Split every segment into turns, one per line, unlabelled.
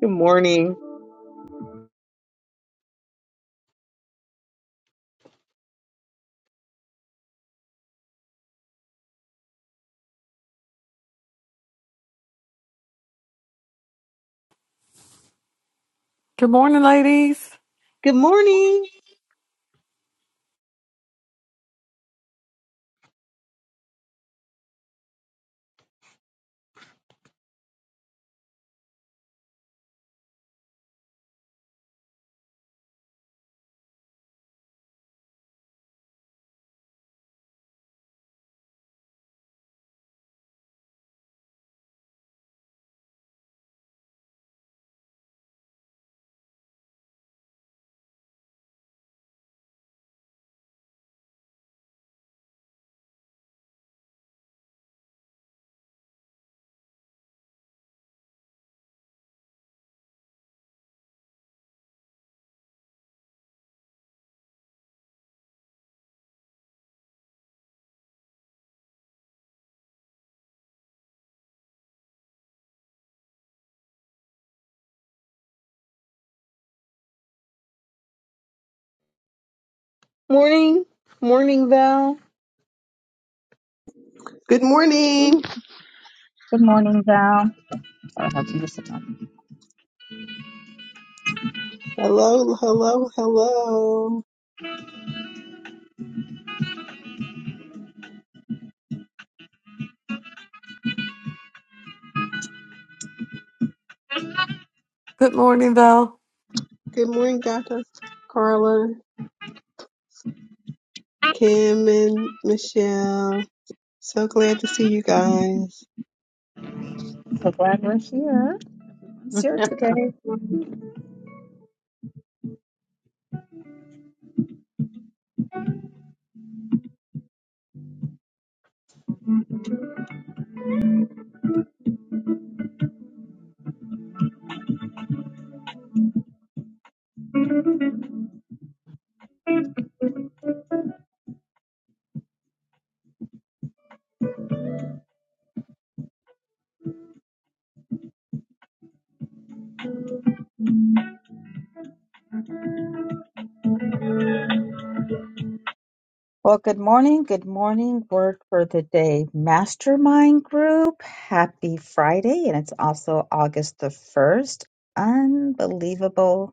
Good morning.
Good morning, ladies.
Good morning. Morning. Morning, Val.
Good morning.
I don't have to use it on.
Hello, hello, hello.
Good morning, Val.
Good morning, Dr. Carla, Kim, and Michelle. So glad to see you guys.
So glad we're here. It's here today. Well, good morning. Good morning. Word for the day mastermind group. Happy Friday. And it's also August the 1st. Unbelievable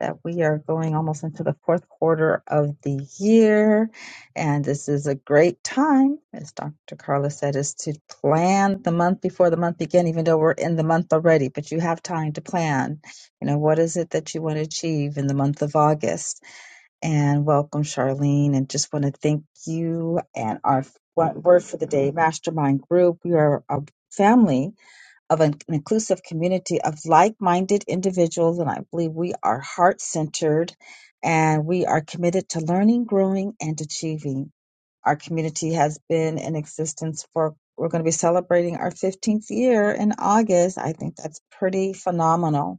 that we are going almost into the fourth quarter of the year. And this is a great time, as Dr. Carla said, is to plan the month before the month begins. even though we're in the month already, but you have time to plan. You know, what is it that you want to achieve in the month of August? And welcome, Charlene. And just want to thank you and our one word for the day mastermind group. We are a family of an inclusive community of like-minded individuals and i believe we are heart-centered and we are committed to learning growing and achieving our community has been in existence for we're going to be celebrating our 15th year in august i think that's pretty phenomenal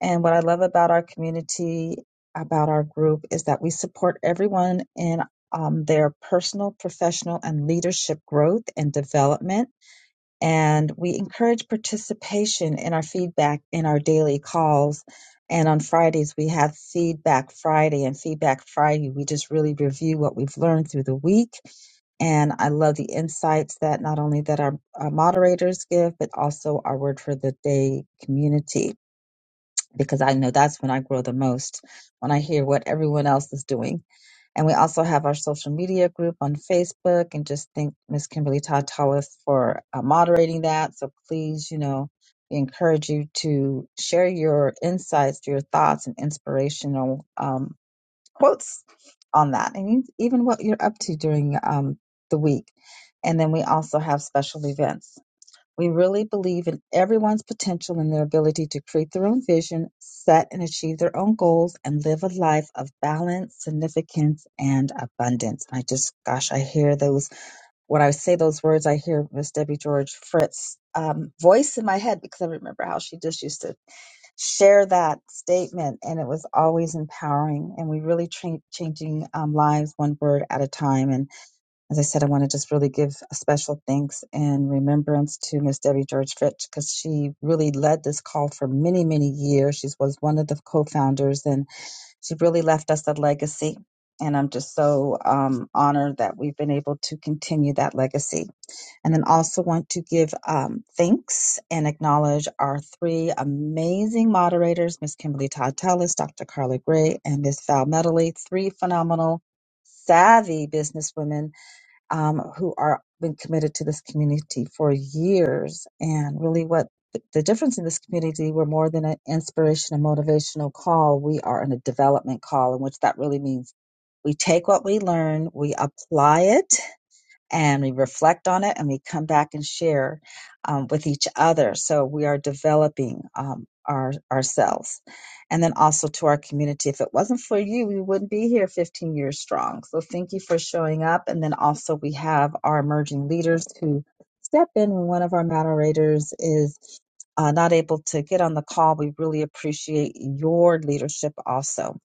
and what i love about our community about our group is that we support everyone in um, their personal professional and leadership growth and development and we encourage participation in our feedback in our daily calls. And on Fridays, we have Feedback Friday. And Feedback Friday, we just really review what we've learned through the week. And I love the insights that not only that our, our moderators give, but also our Word for the Day community, because I know that's when I grow the most, when I hear what everyone else is doing and we also have our social media group on Facebook. And just thank Miss Kimberly Todd Tallis for uh, moderating that. So please, you know, we encourage you to share your insights, your thoughts, and inspirational um, quotes on that, and you- even what you're up to during um, the week. And then we also have special events. We really believe in everyone's potential and their ability to create their own vision, set and achieve their own goals, and live a life of balance, significance, and abundance. I just, gosh, I hear those. When I say those words, I hear Miss Debbie George Fritz's um, voice in my head because I remember how she just used to share that statement, and it was always empowering. And we really tra- changing um, lives one word at a time. And as I said, I want to just really give a special thanks and remembrance to Miss Debbie George Fitch because she really led this call for many, many years. She was one of the co-founders and she really left us a legacy. And I'm just so um, honored that we've been able to continue that legacy. And then also want to give um, thanks and acknowledge our three amazing moderators, Miss Kimberly Todd Tellis, Dr. Carla Gray, and Miss Val Medley, three phenomenal, savvy businesswomen um, who are been committed to this community for years. And really, what th- the difference in this community, we're more than an inspiration and motivational call. We are in a development call, in which that really means we take what we learn, we apply it and we reflect on it and we come back and share um, with each other. So we are developing um, our ourselves, and then also to our community. If it wasn't for you, we wouldn't be here 15 years strong. So thank you for showing up. And then also we have our emerging leaders who step in when one of our moderators is. Uh, not able to get on the call, we really appreciate your leadership also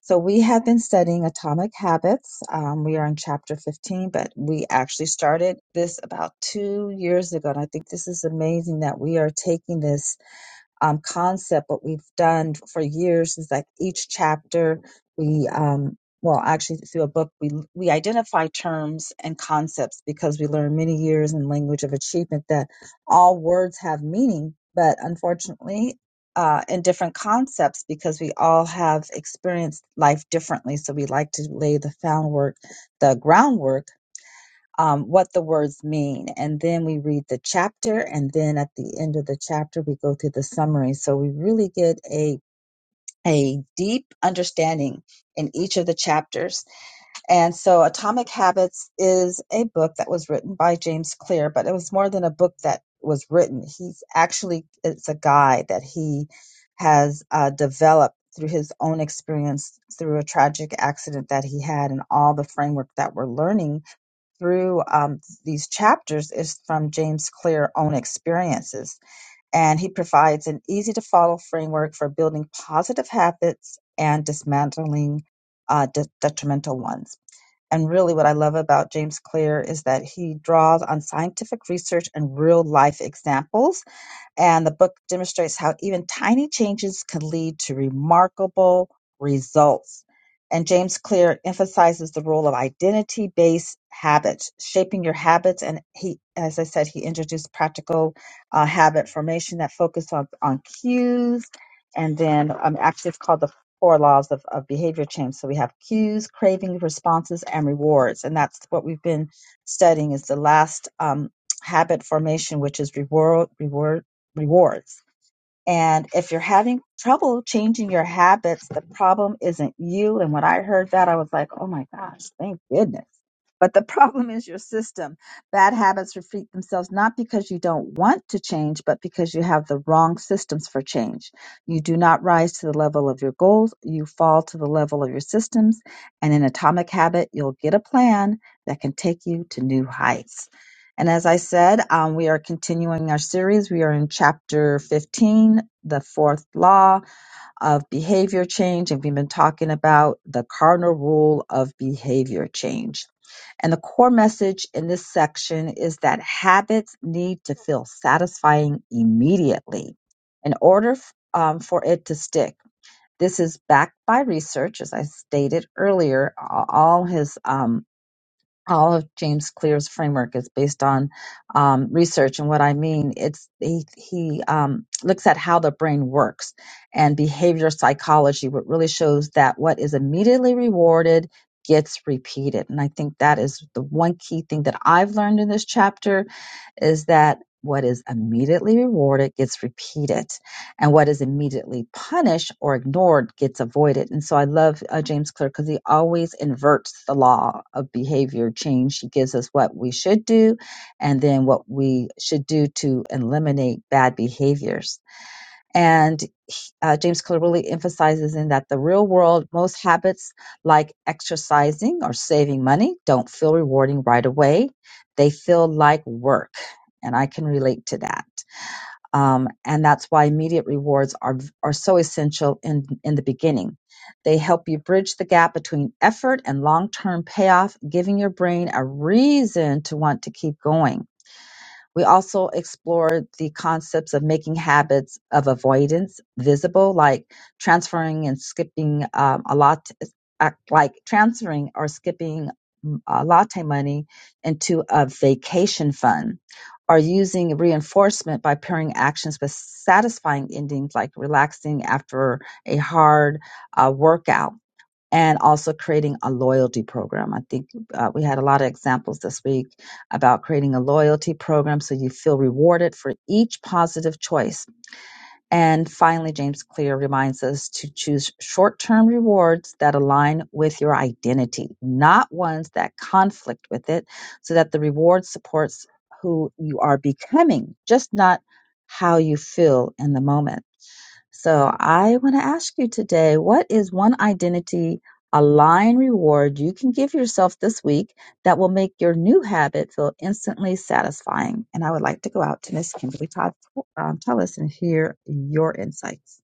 so we have been studying Atomic Habits. Um, we are in chapter 15, but we actually started this about two years ago. And I think this is amazing that we are taking this um, concept. What we've done for years is like each chapter, we, um, well, actually through a book, we, we identify terms and concepts because we learned many years in language of achievement that all words have meaning, but unfortunately, uh, in different concepts because we all have experienced life differently. So we like to lay the foundwork, the groundwork um, what the words mean. And then we read the chapter, and then at the end of the chapter, we go through the summary. So we really get a a deep understanding in each of the chapters. And so Atomic Habits is a book that was written by James Clear, but it was more than a book that was written. He's actually it's a guide that he has uh, developed through his own experience through a tragic accident that he had and all the framework that we're learning through um, these chapters is from James Clear's own experiences, and he provides an easy to follow framework for building positive habits and dismantling uh, de- detrimental ones. And really, what I love about James Clear is that he draws on scientific research and real life examples and the book demonstrates how even tiny changes can lead to remarkable results. And James Clear emphasizes the role of identity based habits, shaping your habits. And he, as I said, he introduced practical uh, habit formation that focused on, on cues. And then um, actually, it's called the four laws of, of behavior change. So we have cues, craving, responses, and rewards. And that's what we've been studying is the last um, habit formation, which is reward, reward rewards. And if you're having trouble changing your habits, the problem isn't you. And when I heard that, I was like, oh my gosh, thank goodness. But the problem is your system. Bad habits repeat themselves not because you don't want to change, but because you have the wrong systems for change. You do not rise to the level of your goals, you fall to the level of your systems. And in Atomic Habit, you'll get a plan that can take you to new heights. And as I said, um, we are continuing our series. We are in chapter 15, the fourth law of behavior change. And we've been talking about the cardinal rule of behavior change. And the core message in this section is that habits need to feel satisfying immediately in order f- um, for it to stick. This is backed by research, as I stated earlier. a- All his um, all of James Clear's framework is based on um, research. And what I mean, it's he, he um, looks at how the brain works and behavior psychology, what really shows that what is immediately rewarded gets repeated. And I think that is the one key thing that I've learned in this chapter is that what is immediately rewarded gets repeated and what is immediately punished or ignored gets avoided. And so I love uh, James Clear because he always inverts the law of behavior change. He gives us what we should do and then what we should do to eliminate bad behaviors. And he- uh, James Clear really emphasizes in that the real world, most habits like exercising or saving money don't feel rewarding right away. They feel like work. And I can relate to that. Um, and that's why immediate rewards are, are so essential in, in the beginning. They help you bridge the gap between effort and long term payoff, giving your brain a reason to want to keep going. We also explored the concepts of making habits of avoidance visible, like transferring and skipping um, a lot, uh, like transferring or skipping mm, uh, latte money into a vacation fund, or using reinforcement by pairing actions with satisfying endings, like relaxing after a hard uh, workout and also creating a loyalty program. I think uh, we had a lot of examples this week about creating a loyalty program so you feel rewarded for each positive choice. And finally, James Clear reminds us to choose short term rewards that align with your identity, not ones that conflict with it, so that the reward supports who you are becoming, just not how you feel in the moment. So I want to ask you today what is one identity align reward you can give yourself this week that will make your new habit feel instantly satisfying? And I would like to go out to Miss Kimberly Todd um, Tullis and hear your insights.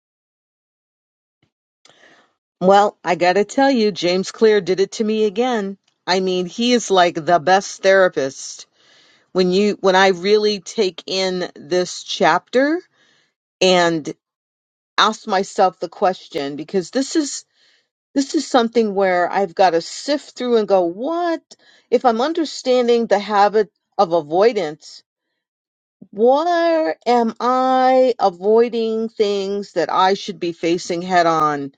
Well, I gotta tell you, James Clear did it to me again. I mean, he is like the best therapist. When you when I really take in this chapter and ask myself the question, because this is this is something where I've got to sift through and go, what if I'm understanding the habit of avoidance? Why am I avoiding things that I should be facing head on?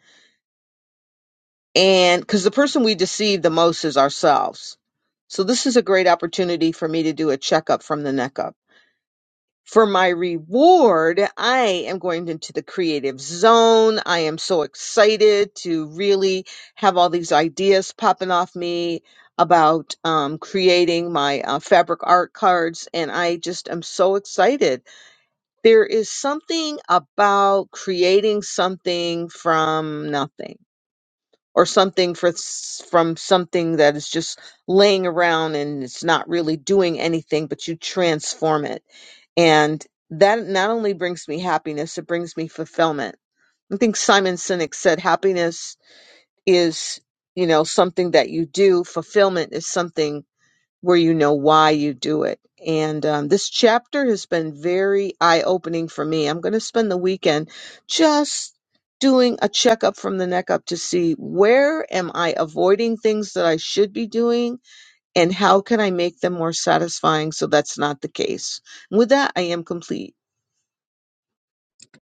And because the person we deceive the most is ourselves. So this is a great opportunity for me to do a checkup from the neck up. For my reward, I am going into the creative zone. I am so excited to really have all these ideas popping off me about um, creating my uh, fabric art cards. And I just am so excited There is something about creating something from nothing or something for, s- from something that is just laying around and it's not really doing anything, but you transform it. And that not only brings me happiness, it brings me fulfillment. I think Simon Sinek said happiness is, you know, something that you do. Fulfillment is something where you know why you do it. And um, this chapter has been very eye opening for me. I'm going to spend the weekend just doing a checkup from the neck up to see where am I avoiding things that I should be doing and how can I make them more satisfying so that's not the case. And with that, I am complete.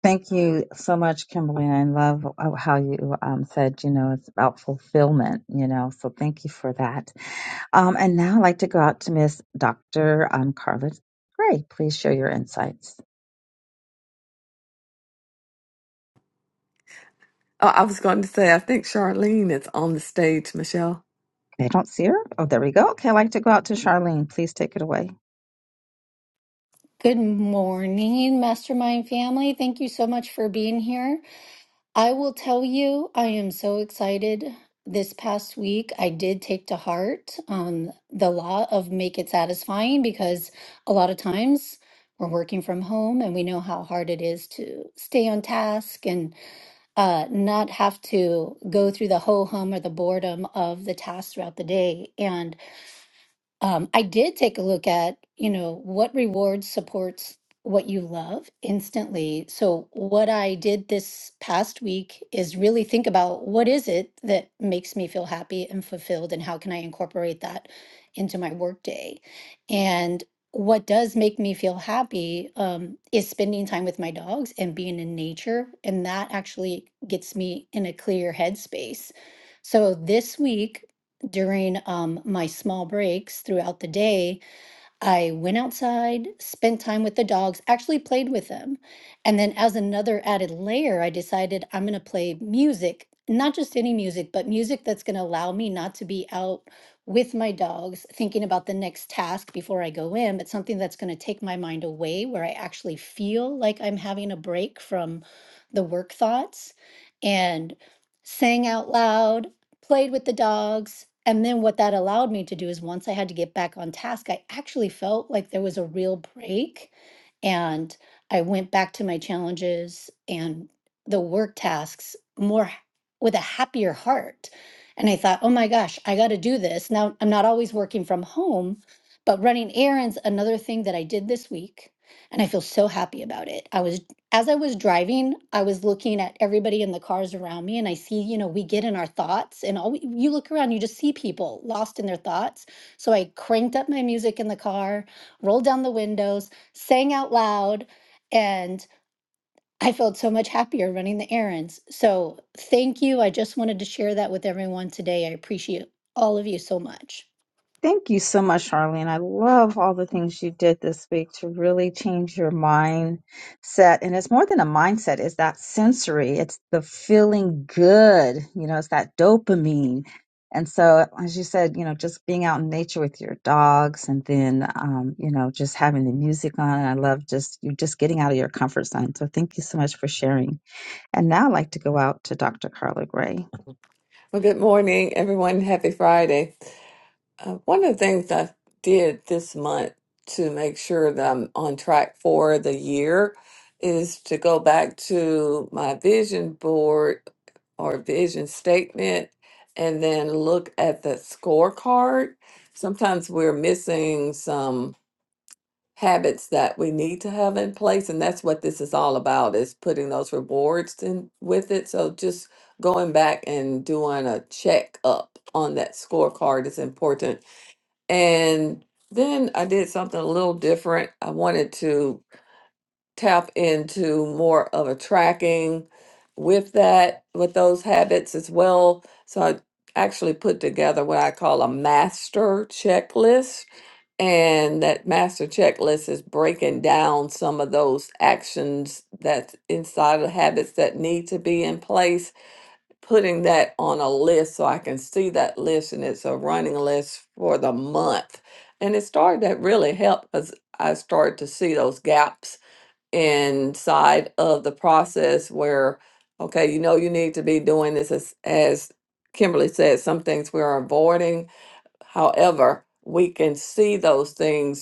Thank you so much, Kimberly. And I love uh, how you um, said, you know, it's about fulfillment, you know, so thank you for that. Um, and now I'd like to go out to Miss Dr. Um, Carla Gray. Please share your insights.
Oh, I was going to say, I think Charlene is on the stage, Michelle.
I don't see her. Oh, there we go. Okay, I'd like to go out to Charlene. Please take it away.
Good morning, Mastermind family. Thank you so much for being here. I will tell you, I am so excited. This past week, I did take to heart um, the law of make it satisfying because a lot of times we're working from home and we know how hard it is to stay on task and uh, not have to go through the ho hum or the boredom of the tasks throughout the day. and. Um, I did take a look at, you know, what rewards supports what you love instantly. So what I did this past week is really think about what is it that makes me feel happy and fulfilled and how can I incorporate that into my workday? And what does make me feel happy um, is spending time with my dogs and being in nature. And that actually gets me in a clear headspace. So this week, during um, my small breaks throughout the day, I went outside, spent time with the dogs, actually played with them. And then, as another added layer, I decided I'm going to play music, not just any music, but music that's going to allow me not to be out with my dogs thinking about the next task before I go in, but something that's going to take my mind away where I actually feel like I'm having a break from the work thoughts. And sang out loud played with the dogs. And then what that allowed me to do is once I had to get back on task, I actually felt like there was a real break. And I went back to my challenges and the work tasks more h- with a happier heart. And I thought, oh my gosh, I got to do this. Now I'm not always working from home, but running errands, another thing that I did this week. And I feel so happy about it. I was as I was driving, I was looking at everybody in the cars around me, and I see, you know, we get in our thoughts, and all we, you look around, you just see people lost in their thoughts. So I cranked up my music in the car, rolled down the windows, sang out loud, and I felt so much happier running the errands. So thank you. I just wanted to share that with everyone today. I appreciate all of you so much.
Thank you so much, Charlene. I love all the things you did this week to really change your mindset. And it's more than a mindset, it's that sensory, it's the feeling good, you know, it's that dopamine. And so, as you said, you know, just being out in nature with your dogs and then, um, you know, just having the music on. And I love just you just getting out of your comfort zone. So, thank you so much for sharing. And now I'd like to go out to Dr. Carla Gray.
Well, good morning, everyone. Happy Friday. Uh, one of the things I did this month to make sure that I'm on track for the year is to go back to my vision board or vision statement and then look at the scorecard. Sometimes we're missing some habits that we need to have in place and that's what this is all about is putting those rewards in with it. So just going back and doing a check up on that scorecard is important and then I did something a little different. I wanted to tap into more of a tracking with that, with those habits as well. So I actually put together what I call a master checklist. And that master checklist is breaking down some of those actions that's inside of habits that need to be in place putting that on a list so I can see that list and it's a running list for the month. And it started that really helped because I started to see those gaps inside of the process where, okay, you know, you need to be doing this as, as Kimberly said, some things we're avoiding. However, we can see those things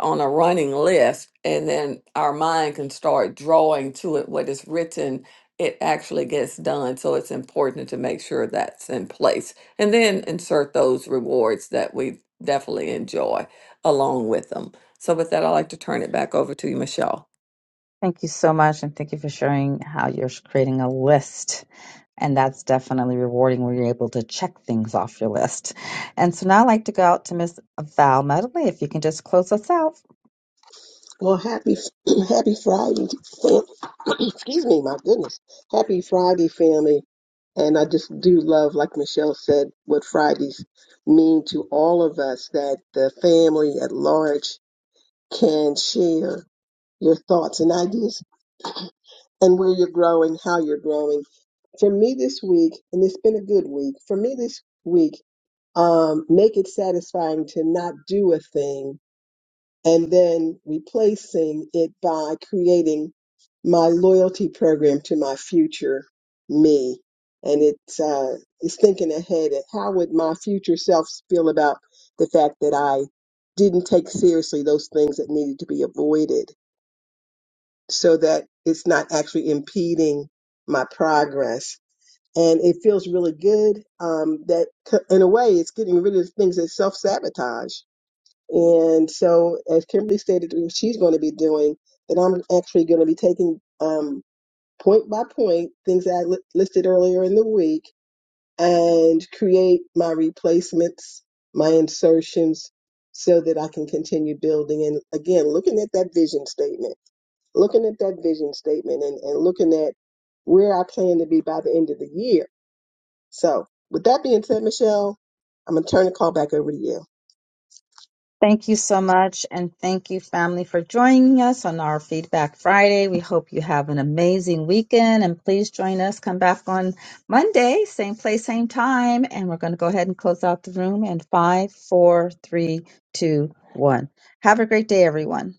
on a running list and then our mind can start drawing to it what is written it actually gets done so it's important to make sure that's in place and then insert those rewards that we definitely enjoy along with them so with that i'd like to turn it back over to you michelle
Thank you so much, and thank you for sharing how you're creating a list. And that's definitely rewarding when you're able to check things off your list. And so now I'd like to go out to Miss Val Medley, if you can just close us out.
Well, happy, happy Friday. fam- Excuse me, my goodness. Happy Friday, family. And I just do love, like Michelle said, what Fridays mean to all of us that the family at large can share your thoughts and ideas and where you're growing, how you're growing for me this week, and it's been a good week, for me this week, um, make it satisfying to not do a thing and then replacing it by creating my loyalty program to my future me. And it's, uh, it's thinking ahead at how would my future self feel about the fact that I didn't take seriously those things that needed to be avoided so that it's not actually impeding my progress and it feels really good. Um, that c- in a way, it's getting rid of the things that self sabotage. And so, as Kimberly stated, what she's going to be doing that. I'm actually going to be taking um, point by point things that I li- listed earlier in the week and create my replacements, my insertions, so that I can continue building. And again, looking at that vision statement, looking at that vision statement, and, and looking at where I plan to be by the end of the year so, with that being said, Michelle, I'm going to turn the call back over to you.
Thank you so much. And thank you, family, for joining us on our Feedback Friday. We hope you have an amazing weekend. And please join us. Come back on Monday, same place, same time. And we're going to go ahead and close out the room in five, four, three, two, one. Have a great day, everyone.